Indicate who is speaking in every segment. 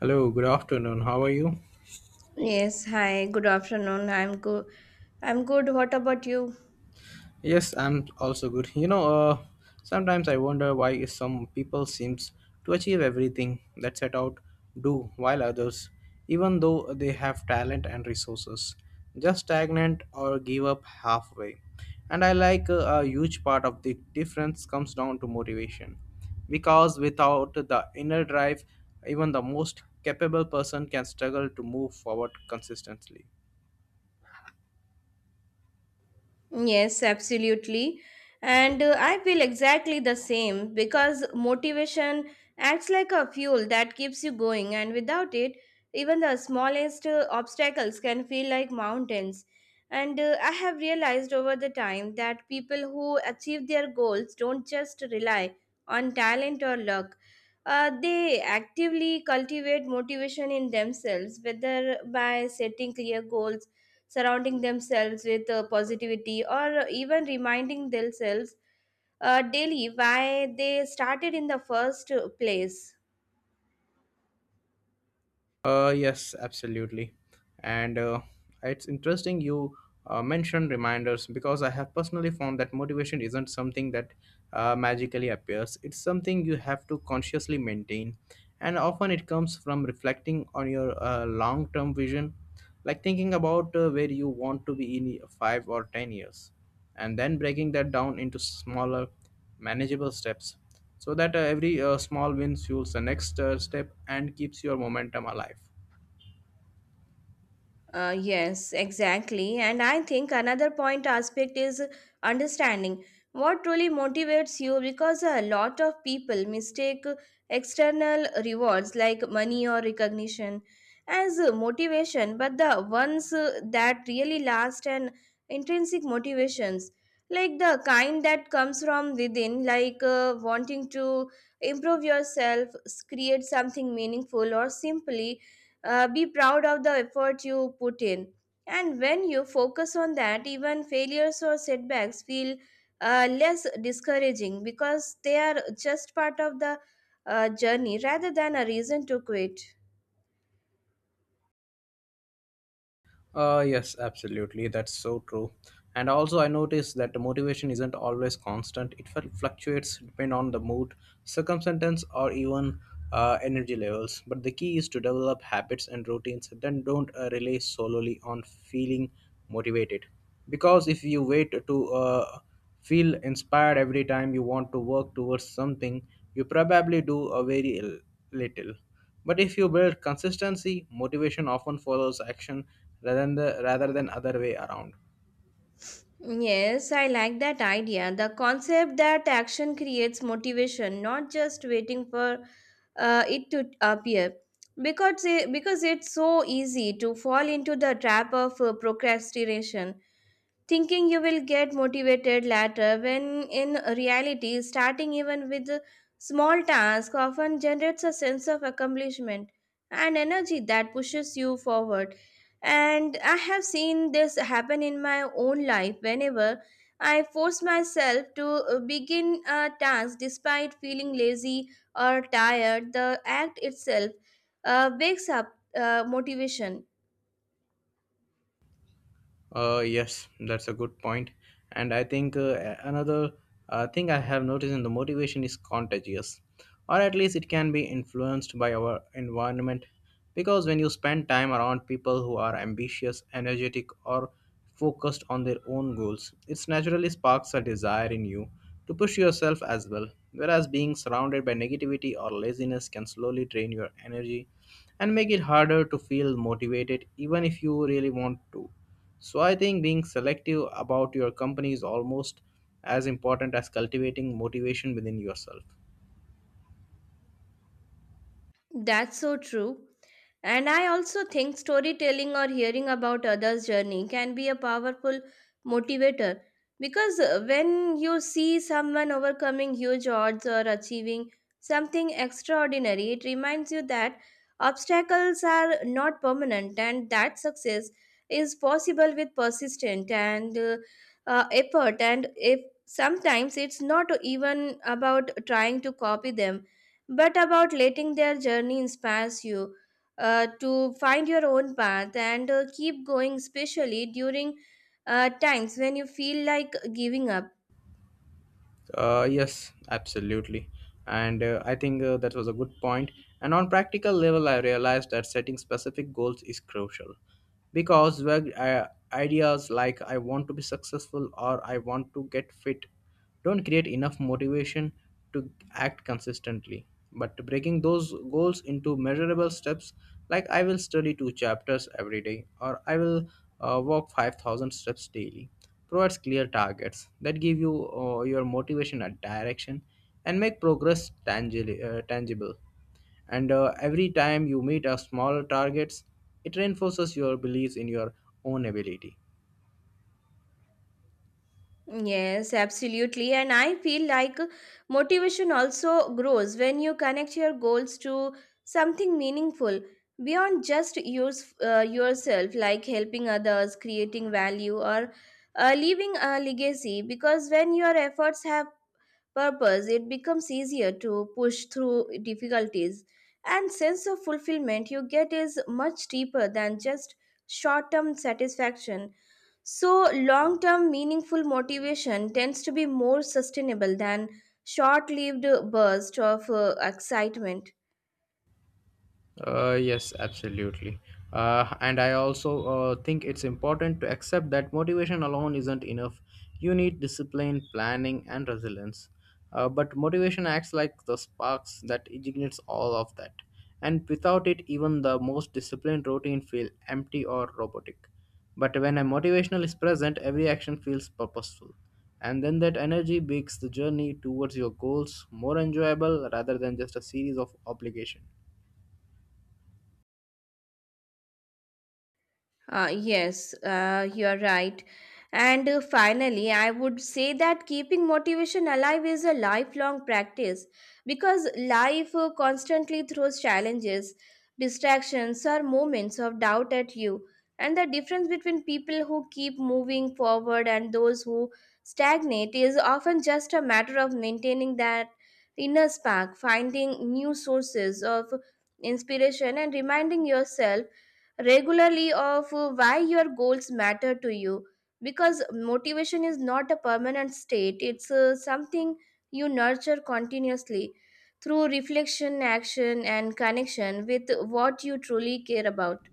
Speaker 1: Hello, good afternoon. How are you?
Speaker 2: Yes, hi, good afternoon. I'm good. What about you?
Speaker 1: Yes, I'm also good. Sometimes I wonder why some people seems to achieve everything that set out do while others, even though they have talent and resources, just stagnant or give up halfway. And I like a huge part of the difference comes down to motivation, because without the inner drive, even the most capable person can struggle to move forward consistently.
Speaker 2: Yes, absolutely. And I feel exactly the same, because motivation acts like a fuel that keeps you going, and without it, even the smallest obstacles can feel like mountains. And I have realized over the time that people who achieve their goals don't just rely on talent or luck. They actively cultivate motivation in themselves, whether by setting clear goals, surrounding themselves with positivity, or even reminding themselves daily why they started in the first place.
Speaker 1: Yes, absolutely. And it's interesting you mentioned reminders because I have personally found that motivation isn't something that magically appears. It's something you have to consciously maintain. And often it comes from reflecting on your long term vision, like thinking about where you want to be in 5 or 10 years, and then breaking that down into smaller manageable steps so that every small win fuels the next step and keeps your momentum alive.
Speaker 2: Yes, exactly. And I think another point aspect is understanding what truly motivates you, because a lot of people mistake external rewards like money or recognition as motivation, but the ones that really last and intrinsic motivations, like the kind that comes from within, like wanting to improve yourself, create something meaningful, or simply be proud of the effort you put in. And when you focus on that, even failures or setbacks feel less discouraging, because they are just part of the journey rather than a reason to quit.
Speaker 1: Yes, absolutely. That's so true. And also, I noticed that the motivation isn't always constant. It fluctuates depending on the mood, circumstance, or even energy levels. But the key is to develop habits and routines. Then don't rely solely on feeling motivated. Because if you wait to feel inspired every time you want to work towards something, you probably do a very little. But if you build consistency, motivation often follows action rather than other way around.
Speaker 2: Yes, I like that idea, the concept that action creates motivation, not just waiting for it to appear, because it's so easy to fall into the trap of procrastination, thinking you will get motivated later, when in reality starting even with small tasks often generates a sense of accomplishment and energy that pushes you forward. And I have seen this happen in my own life. Whenever I force myself to begin a task despite feeling lazy or tired, the act itself wakes up motivation.
Speaker 1: Yes, that's a good point. And I think another thing I have noticed in the motivation is contagious, or at least it can be influenced by our environment. Because when you spend time around people who are ambitious, energetic, or focused on their own goals, it naturally sparks a desire in you to push yourself as well. Whereas being surrounded by negativity or laziness can slowly drain your energy and make it harder to feel motivated, even if you really want to. So I think being selective about your company is almost as important as cultivating motivation within yourself.
Speaker 2: That's so true. And I also think storytelling or hearing about others' journey can be a powerful motivator, because when you see someone overcoming huge odds or achieving something extraordinary, it reminds you that obstacles are not permanent and that success is possible with persistent and effort. And if sometimes it's not even about trying to copy them, but about letting their journey inspires you to find your own path and keep going, especially during times when you feel like giving up.
Speaker 1: Yes, absolutely. And I think that was a good point. And on practical level, I realized that setting specific goals is crucial because vague ideas like "I want to be successful" or "I want to get fit" don't create enough motivation to act consistently. But breaking those goals into measurable steps, like "I will study two chapters every day" or "I will walk 5,000 steps daily," provides clear targets that give you your motivation and direction and make progress tangible. And every time you meet a smaller targets, it reinforces your beliefs in your own ability.
Speaker 2: Yes, absolutely. And I feel like motivation also grows when you connect your goals to something meaningful beyond just yourself, like helping others, creating value, or leaving a legacy. Because when your efforts have purpose, it becomes easier to push through difficulties. And sense of fulfillment you get is much deeper than just short-term satisfaction. So long-term meaningful motivation tends to be more sustainable than short-lived bursts of excitement.
Speaker 1: Yes, absolutely. And I also think it's important to accept that motivation alone isn't enough. You need discipline, planning, and resilience. But motivation acts like the sparks that ignites all of that. And without it, even the most disciplined routine feel empty or robotic. But when a motivational is present, every action feels purposeful. And then that energy makes the journey towards your goals more enjoyable rather than just a series of obligations.
Speaker 2: Yes, you're right. And finally, I would say that keeping motivation alive is a lifelong practice, because life constantly throws challenges, distractions, or moments of doubt at you. And the difference between people who keep moving forward and those who stagnate is often just a matter of maintaining that inner spark, finding new sources of inspiration, and reminding yourself regularly of why your goals matter to you, because motivation is not a permanent state. It's something you nurture continuously through reflection, action, and connection with what you truly care about.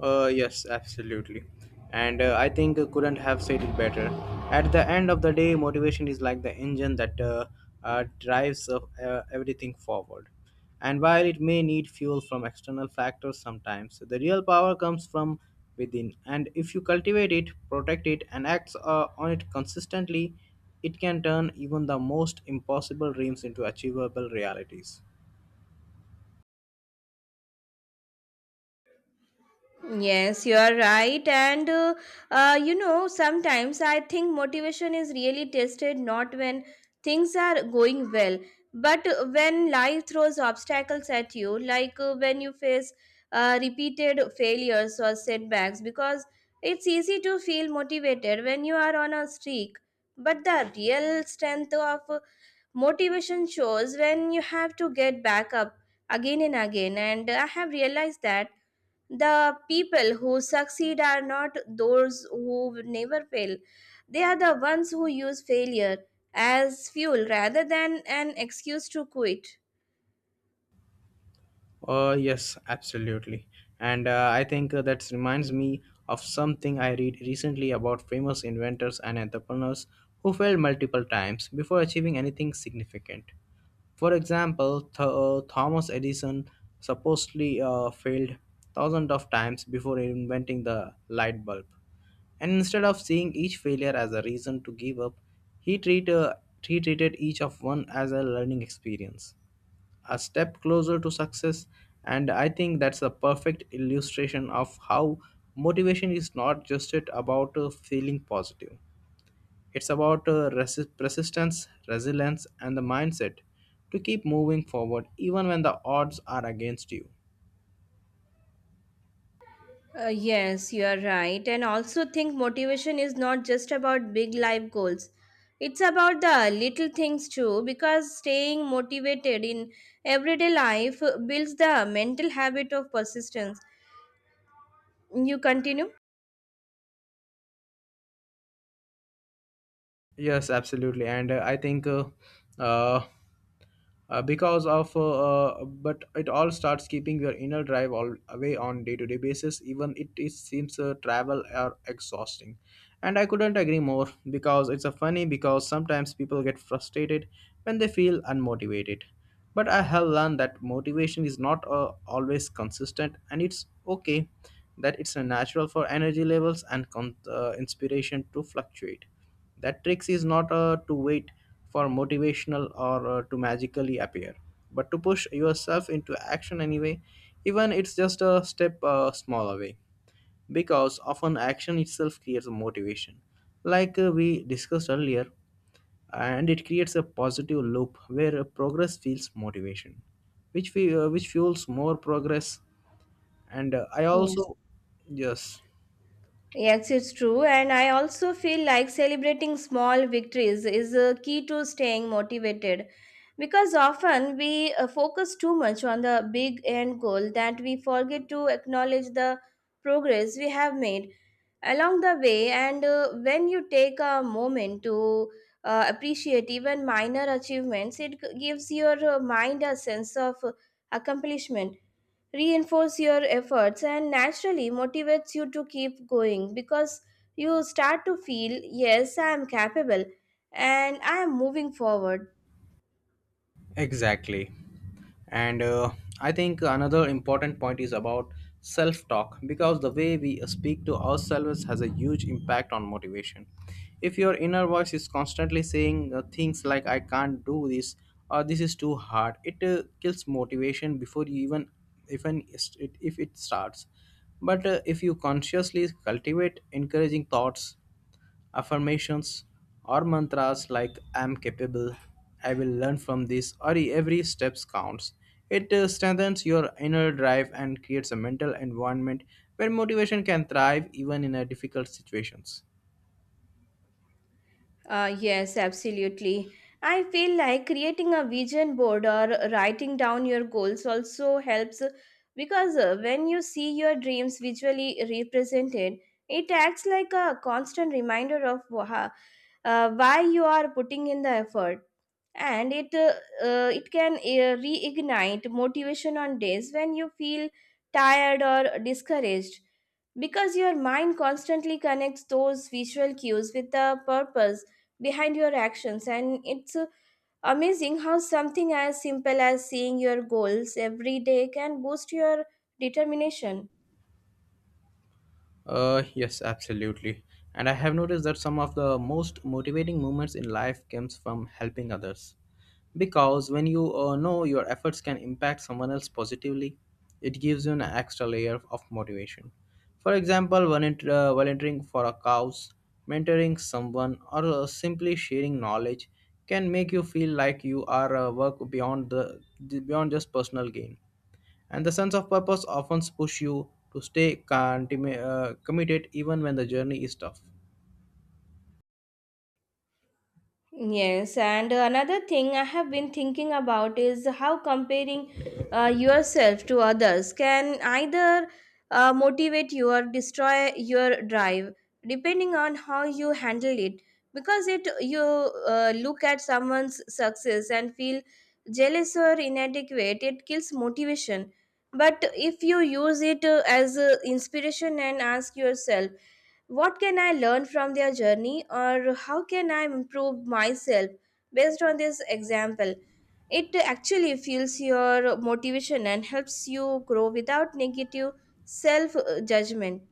Speaker 1: Yes, absolutely. And I think I couldn't have said it better. At the end of the day, motivation is like the engine that drives everything forward. And while it may need fuel from external factors sometimes, the real power comes from within. And if you cultivate it, protect it, and act on it consistently, it can turn even the most impossible dreams into achievable realities.
Speaker 2: Yes, you are right. And sometimes I think motivation is really tested not when things are going well, but when life throws obstacles at you, like when you face repeated failures or setbacks, because it's easy to feel motivated when you are on a streak. But the real strength of motivation shows when you have to get back up again and again. And I have realized that the people who succeed are not those who never fail. They are the ones who use failure as fuel rather than an excuse to quit.
Speaker 1: Yes, absolutely. And I think that reminds me of something I read recently about famous inventors and entrepreneurs who failed multiple times before achieving anything significant. For example, Thomas Edison supposedly failed thousands of times before inventing the light bulb. And instead of seeing each failure as a reason to give up, he, treat, uh, he treated each of one as a learning experience, a step closer to success. And I think that's a perfect illustration of how motivation is not just it about feeling positive. It's about persistence, resilience, and the mindset to keep moving forward even when the odds are against you.
Speaker 2: Yes, you are right. And also think motivation is not just about big life goals. It's about the little things too, because staying motivated in everyday life builds the mental habit of persistence. You continue?
Speaker 1: Yes, absolutely. And I think uh, because of but it all starts keeping your inner drive all away on day-to-day basis even it seems travel are exhausting. And I couldn't agree more because it's a funny because sometimes people get frustrated when they feel unmotivated, but I have learned that motivation is not always consistent and it's okay, that it's a natural for energy levels and inspiration to fluctuate. That tricks is not to wait for motivational or to magically appear, but to push yourself into action anyway, even it's just a step smaller way. Because often action itself creates a motivation, like we discussed earlier, and it creates a positive loop where progress feels motivation, which fuels more progress. And I
Speaker 2: Yes.
Speaker 1: also yes.
Speaker 2: Yes, it's true. And I also feel like celebrating small victories is a key to staying motivated, because often we focus too much on the big end goal that we forget to acknowledge the progress we have made along the way. And when you take a moment to appreciate even minor achievements, it gives your mind a sense of accomplishment, reinforce your efforts, and naturally motivates you to keep going, because you start to feel, yes, I am capable and I am moving forward.
Speaker 1: Exactly. And I think another important point is about self talk because the way we speak to ourselves has a huge impact on motivation. If your inner voice is constantly saying things like, I can't do this or this is too hard, it kills motivation before you even if it starts. But if you consciously cultivate encouraging thoughts, affirmations, or mantras like I'm capable, I will learn from this, or "E, every step counts. It strengthens your inner drive and creates a mental environment where motivation can thrive even in difficult situations.
Speaker 2: Yes, absolutely. I feel like creating a vision board or writing down your goals also helps, because when you see your dreams visually represented, it acts like a constant reminder of why you are putting in the effort. And it can reignite motivation on days when you feel tired or discouraged, because your mind constantly connects those visual cues with the purpose behind your actions. And it's amazing how something as simple as seeing your goals every day can boost your determination.
Speaker 1: Yes, absolutely. And I have noticed that some of the most motivating moments in life comes from helping others. Because when you know your efforts can impact someone else positively, it gives you an extra layer of motivation. For example, volunteering for a cause, mentoring someone, or simply sharing knowledge can make you feel like you are work beyond just personal gain, and the sense of purpose often push you to stay committed even when the journey is tough.
Speaker 2: Yes, and another thing I have been thinking about is how comparing yourself to others can either motivate you or destroy your drive, depending on how you handle it. Because it you look at someone's success and feel jealous or inadequate, it kills motivation. But if you use it as inspiration and ask yourself, what can I learn from their journey, or how can I improve myself based on this example? It actually fuels your motivation and helps you grow without negative self judgment.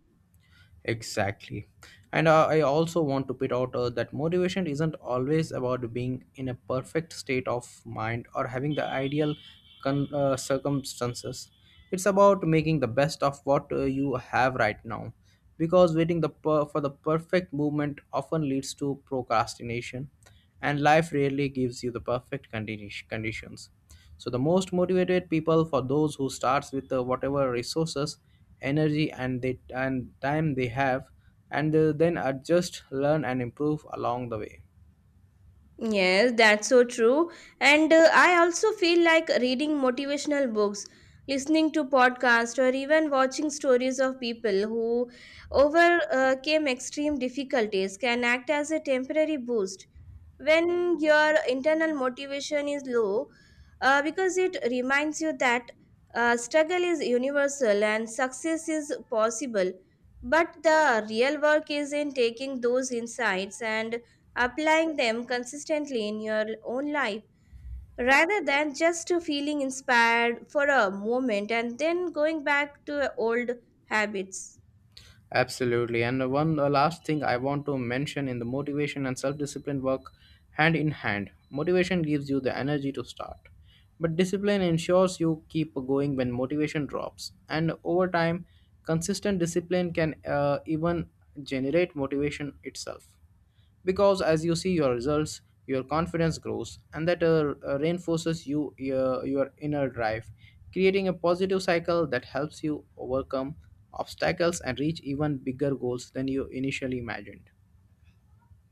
Speaker 1: Exactly. And I also want to put out that motivation isn't always about being in a perfect state of mind or having the ideal circumstances. It's about making the best of what you have right now. Because waiting for the perfect moment often leads to procrastination, and life rarely gives you the perfect conditions. So the most motivated people for those who starts with whatever resources, energy and they and time they have, and then adjust, learn and improve along the way.
Speaker 2: Yes, that's so true. And I also feel like reading motivational books, listening to podcasts, or even watching stories of people who overcame extreme difficulties can act as a temporary boost when your internal motivation is low, because it reminds you that struggle is universal and success is possible. But the real work is in taking those insights and applying them consistently in your own life, rather than just feeling inspired for a moment and then going back to old habits.
Speaker 1: Absolutely. And one last thing I want to mention in the motivation and self discipline work hand in hand. Motivation gives you the energy to start, but discipline ensures you keep going when motivation drops. And over time, consistent discipline can even generate motivation itself, because as you see your results your confidence grows and that reinforces your inner drive, creating a positive cycle that helps you overcome obstacles and reach even bigger goals than you initially imagined.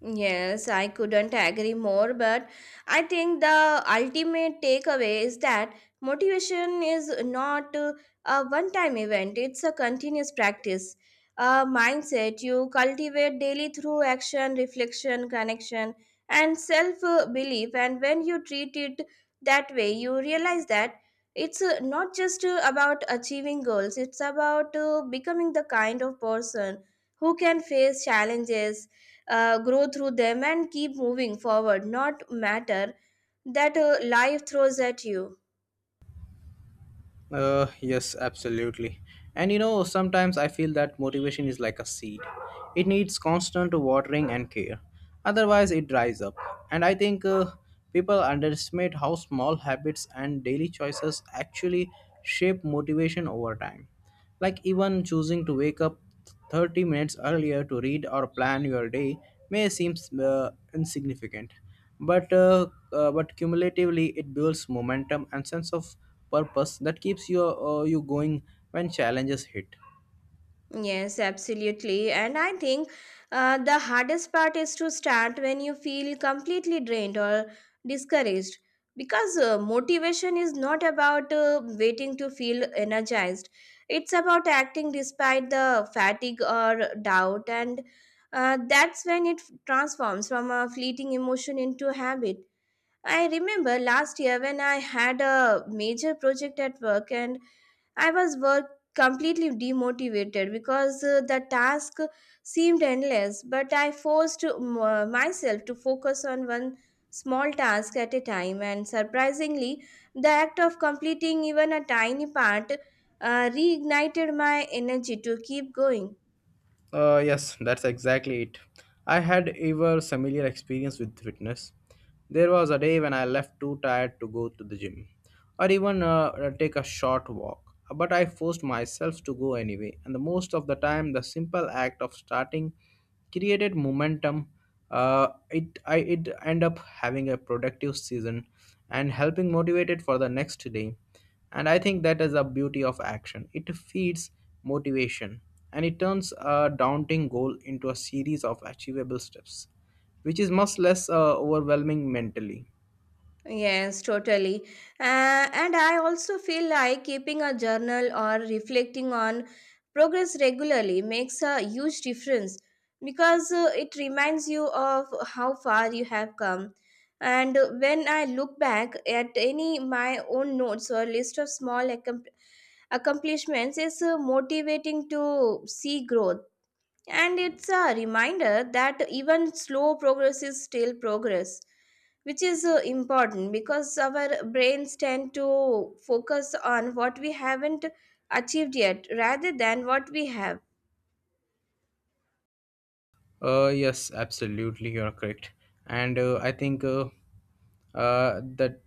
Speaker 2: Yes, I couldn't agree more, but I think the ultimate takeaway is that motivation is not a one time event, it's a continuous practice. A mindset you cultivate daily through action, reflection, connection, and self belief. And when you treat it that way, you realize that it's not just about achieving goals, it's about becoming the kind of person who can face challenges, grow through them, and keep moving forward, not matter that life throws at you.
Speaker 1: Yes, absolutely. And you know, sometimes I feel that motivation is like a seed. It needs constant watering and care. Otherwise, it dries up. And I think people underestimate how small habits and daily choices actually shape motivation over time. Like even choosing to wake up 30 minutes earlier to read or plan your day may seem insignificant, but, uh, but cumulatively it builds momentum and sense of purpose that keeps you going when challenges hit.
Speaker 2: Yes, absolutely. And I think the hardest part is to start when you feel completely drained or discouraged, because motivation is not about waiting to feel energized. It's about acting despite the fatigue or doubt, and that's when it transforms from a fleeting emotion into habit. I remember last year when I had a major project at work, and I was work completely demotivated, because the task seemed endless, but I forced myself to focus on one small task at a time, and surprisingly the act of completing even a tiny part reignited my energy to keep going.
Speaker 1: Yes, that's exactly it. I had ever similar experience with fitness. There was a day when I left too tired to go to the gym or even take a short walk. But I forced myself to go anyway, and the most of the time, the simple act of starting created momentum. It end up having a productive season and helping motivated for the next day. And I think that is the beauty of action. It feeds motivation and it turns a daunting goal into a series of achievable steps, which is much less overwhelming mentally.
Speaker 2: Yes, totally. And I also feel like keeping a journal or reflecting on progress regularly makes a huge difference, because it reminds you of how far you have come. And when I look back at any my own notes or list of small accomplishments, it's motivating to see growth. And it's a reminder that even slow progress is still progress, which is important, because our brains tend to focus on what we haven't achieved yet rather than what we have.
Speaker 1: Yes, absolutely, you are correct. And I think that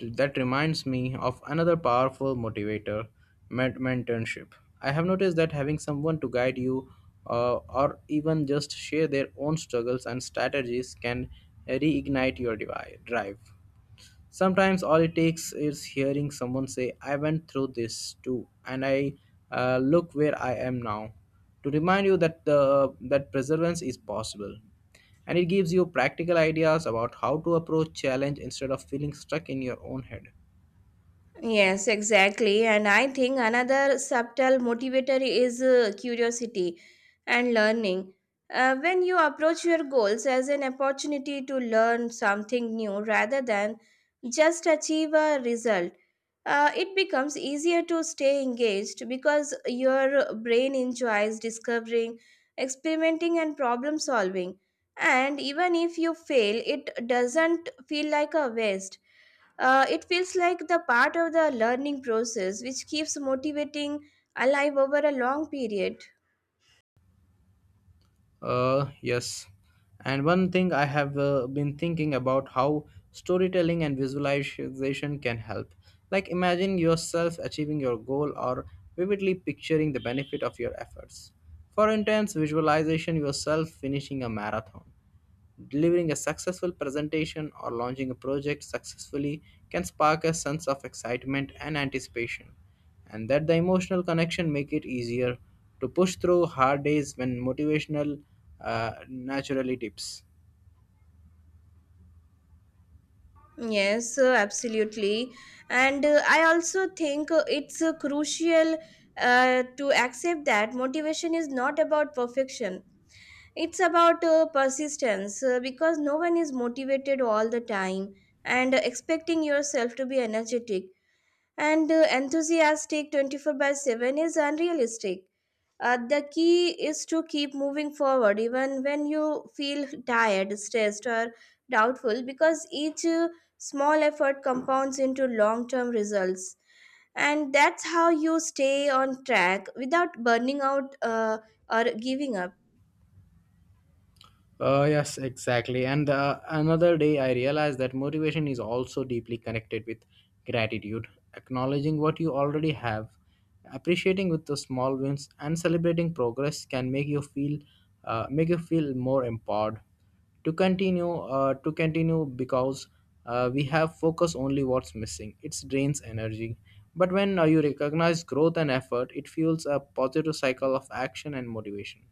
Speaker 1: that reminds me of another powerful motivator, mentorship. I have noticed that having someone to guide you, or even just share their own struggles and strategies, can reignite your drive. Sometimes all it takes is hearing someone say, I went through this too, and I look where I am now, to remind you that perseverance is possible. And it gives you practical ideas about how to approach challenge instead of feeling stuck in your own head.
Speaker 2: Yes, exactly. And I think another subtle motivator is curiosity and learning. When you approach your goals as an opportunity to learn something new rather than just achieve a result, it becomes easier to stay engaged, because your brain enjoys discovering, experimenting, and problem solving. And even if you fail, it doesn't feel like a waste, it feels like the part of the learning process which keeps motivating alive over a long period.
Speaker 1: Yes. And one thing I have been thinking about how storytelling and visualization can help. Like imagine yourself achieving your goal or vividly picturing the benefit of your efforts. For instance, visualization yourself finishing a marathon, delivering a successful presentation, or launching a project successfully can spark a sense of excitement and anticipation, and that the emotional connection make it easier to push through hard days when motivational naturally dips.
Speaker 2: Yes, absolutely. And I also think it's crucial to accept that motivation is not about perfection. It's about persistence, because no one is motivated all the time, and expecting yourself to be energetic and enthusiastic 24/7 is unrealistic. The key is to keep moving forward even when you feel tired, stressed, or doubtful, because each small effort compounds into long term results. And that's how you stay on track without burning out, or giving up.
Speaker 1: Yes, exactly. And another day, I realized that motivation is also deeply connected with gratitude, acknowledging what you already have, appreciating with the small wins, and celebrating progress can make you feel more empowered to continue because we have focus only what's missing it drains energy, but when you recognize growth and effort it fuels a positive cycle of action and motivation.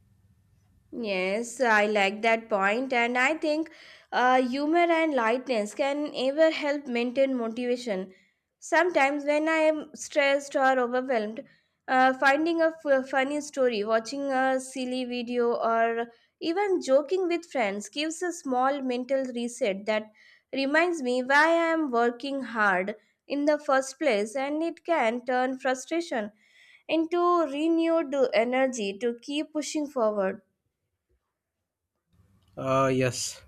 Speaker 2: Yes, I like that point, and I think humor and lightness can ever help maintain motivation. Sometimes, when I am stressed or overwhelmed, finding a funny story, watching a silly video, or even joking with friends gives a small mental reset that reminds me why I am working hard in the first place, and it can turn frustration into renewed energy to keep pushing forward.
Speaker 1: Yes,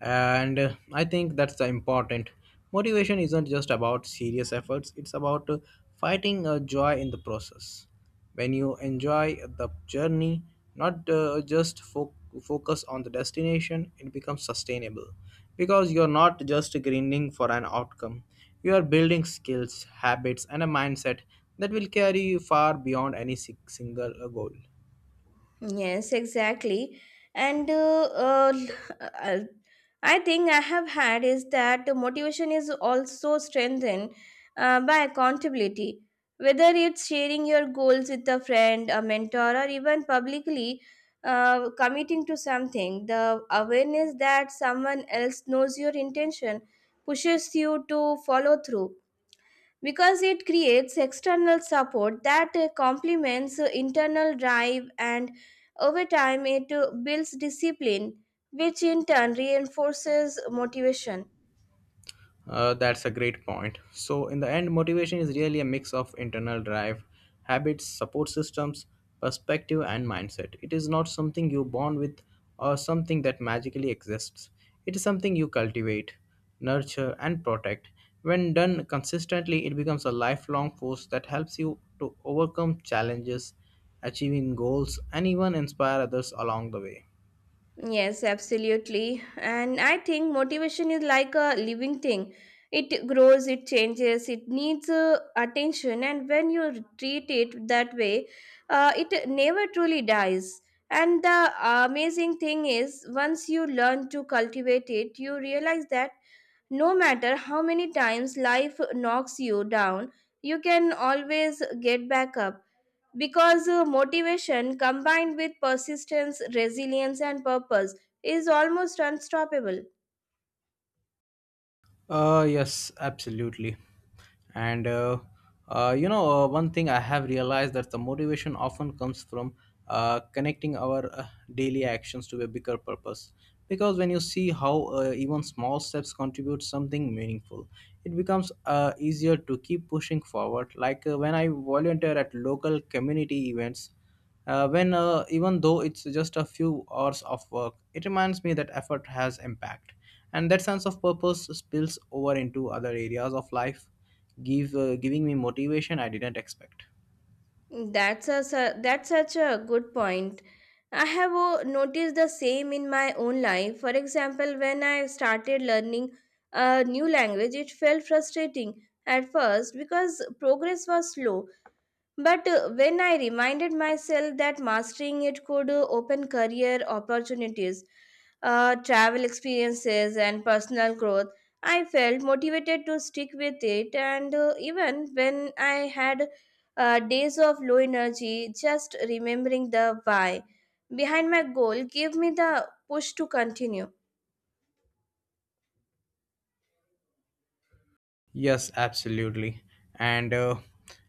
Speaker 1: and I think that's the important. Motivation isn't just about serious efforts, it's about fighting a joy in the process. When you enjoy the journey, not just focus on the destination, it becomes sustainable because you're not just grinding for an outcome. You are building skills, habits, and a mindset that will carry you far beyond any single goal.
Speaker 2: Yes, exactly. And uh, uh, l- uh, I think I have had is that the motivation is also strengthened by accountability. Whether it's sharing your goals with a friend, a mentor, or even publicly committing to something, the awareness that someone else knows your intention pushes you to follow through because it creates external support that complements internal drive, and over time it builds discipline which in turn reinforces motivation.
Speaker 1: That's a great point. So, in the end, motivation is really a mix of internal drive, habits, support systems, perspective, and mindset. It is not something you're born with or something that magically exists. It is something you cultivate, nurture, and protect. When done consistently, it becomes a lifelong force that helps you to overcome challenges, achieving goals, and even inspire others along the way.
Speaker 2: Yes, absolutely. And I think motivation is like a living thing. It grows, it changes, it needs attention, and when you treat it that way, it never truly dies. And the amazing thing is, once you learn to cultivate it, you realize that no matter how many times life knocks you down, you can always get back up because motivation combined with persistence, resilience, and purpose is almost unstoppable.
Speaker 1: Yes, absolutely. And you know, one thing I have realized that the motivation often comes from connecting our daily actions to a bigger purpose. Because when you see how even small steps contribute something meaningful, it becomes easier to keep pushing forward. Like when I volunteer at local community events when even though it's just a few hours of work, it reminds me that effort has impact, and that sense of purpose spills over into other areas of life, give giving me motivation I didn't expect.
Speaker 2: That's such a good point. I have noticed the same in my own life. For example, when I started learning a new language, it felt frustrating at first because progress was slow. But when I reminded myself that mastering it could open career opportunities, travel experiences, and personal growth, I felt motivated to stick with it. And even when I had days of low energy, just remembering the why behind my goal gave me the push to continue.
Speaker 1: Yes, absolutely. And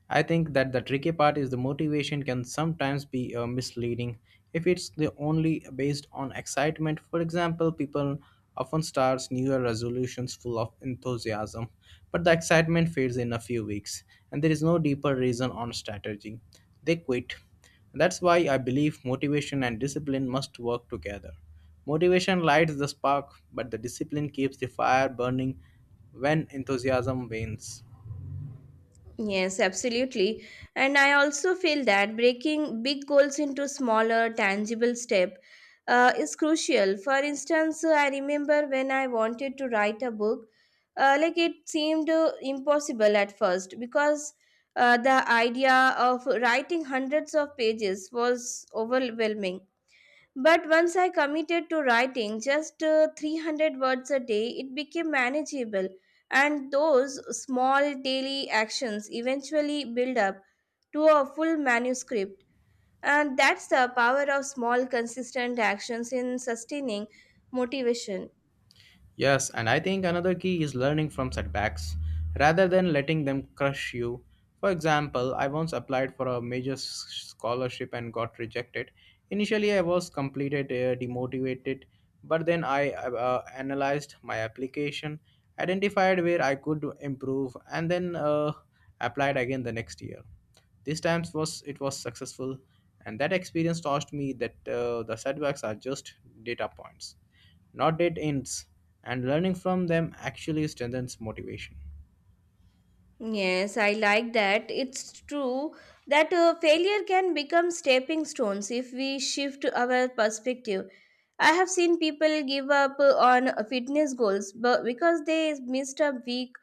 Speaker 1: I think that the tricky part is the motivation can sometimes be misleading if it's the only based on excitement. For example, people often starts new year resolutions full of enthusiasm, but the excitement fades in a few weeks and there is no deeper reason or strategy. They quit. That's why I believe motivation and discipline must work together. Motivation lights the spark, but the discipline keeps the fire burning when enthusiasm wanes.
Speaker 2: Yes, absolutely. And I also feel that breaking big goals into smaller, tangible steps is crucial. For instance, I remember when I wanted to write a book, like it seemed impossible at first because the idea of writing hundreds of pages was overwhelming. But once I committed to writing just 300 words a day, it became manageable. And those small daily actions eventually build up to a full manuscript. And that's the power of small, consistent actions in sustaining motivation.
Speaker 1: Yes, and I think another key is learning from setbacks rather than letting them crush you. For example, I once applied for a major scholarship and got rejected. Initially, I was completed demotivated, but then I analyzed my application, identified where I could improve, and then applied again the next year. This time was it was successful, and that experience taught me that the setbacks are just data points, not dead ends, and learning from them actually strengthens motivation.
Speaker 2: Yes, I like that. It's true that failure can become stepping stones if we shift our perspective. I have seen people give up on fitness goals but because they missed a week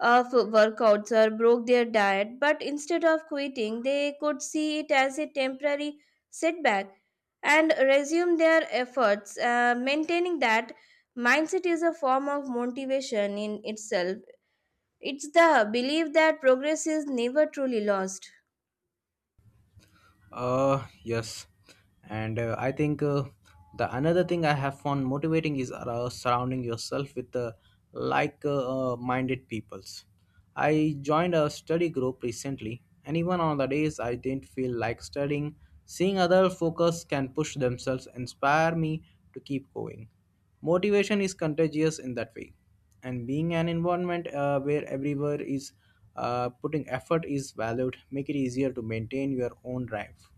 Speaker 2: of workouts or broke their diet, but instead of quitting, they could see it as a temporary setback and resume their efforts. Maintaining that mindset is a form of motivation in itself. It's the belief that progress is never truly lost.
Speaker 1: Yes, and I think the another thing I have found motivating is surrounding yourself with like-minded peoples. I joined a study group recently, and even on the days I didn't feel like studying, seeing other focus can push themselves, inspire me to keep going. Motivation is contagious in that way, and being an environment where everywhere is putting effort is valued, make it easier to maintain your own drive.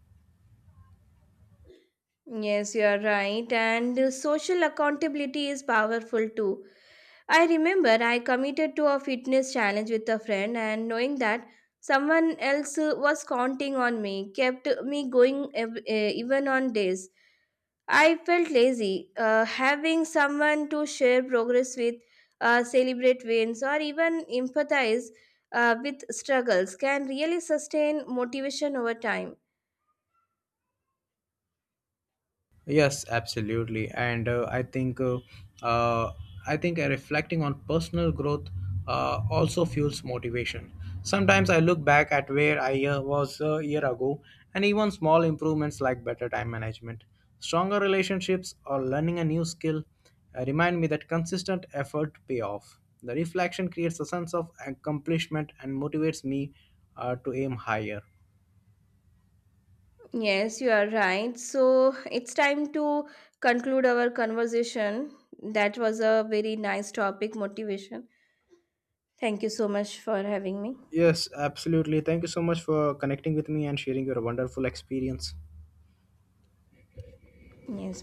Speaker 2: Yes, you are right. And social accountability is powerful too. I remember I committed to a fitness challenge with a friend, and knowing that someone else was counting on me kept me going even on days I felt lazy. Having someone to share progress with, celebrate wins, or even empathize with struggles can really sustain motivation over time.
Speaker 1: Yes, absolutely. And I think uh, reflecting on personal growth also fuels motivation. Sometimes I look back at where I was a year ago, and even small improvements like better time management, stronger relationships, or learning a new skill remind me that consistent effort pay off. The reflection creates a sense of accomplishment and motivates me to aim higher.
Speaker 2: Yes, you are right. So it's time to conclude our conversation. That was a very nice topic, motivation. Thank you so much for having me.
Speaker 1: Yes, absolutely. Thank you so much for connecting with me and sharing your wonderful experience.
Speaker 2: Yes, bye.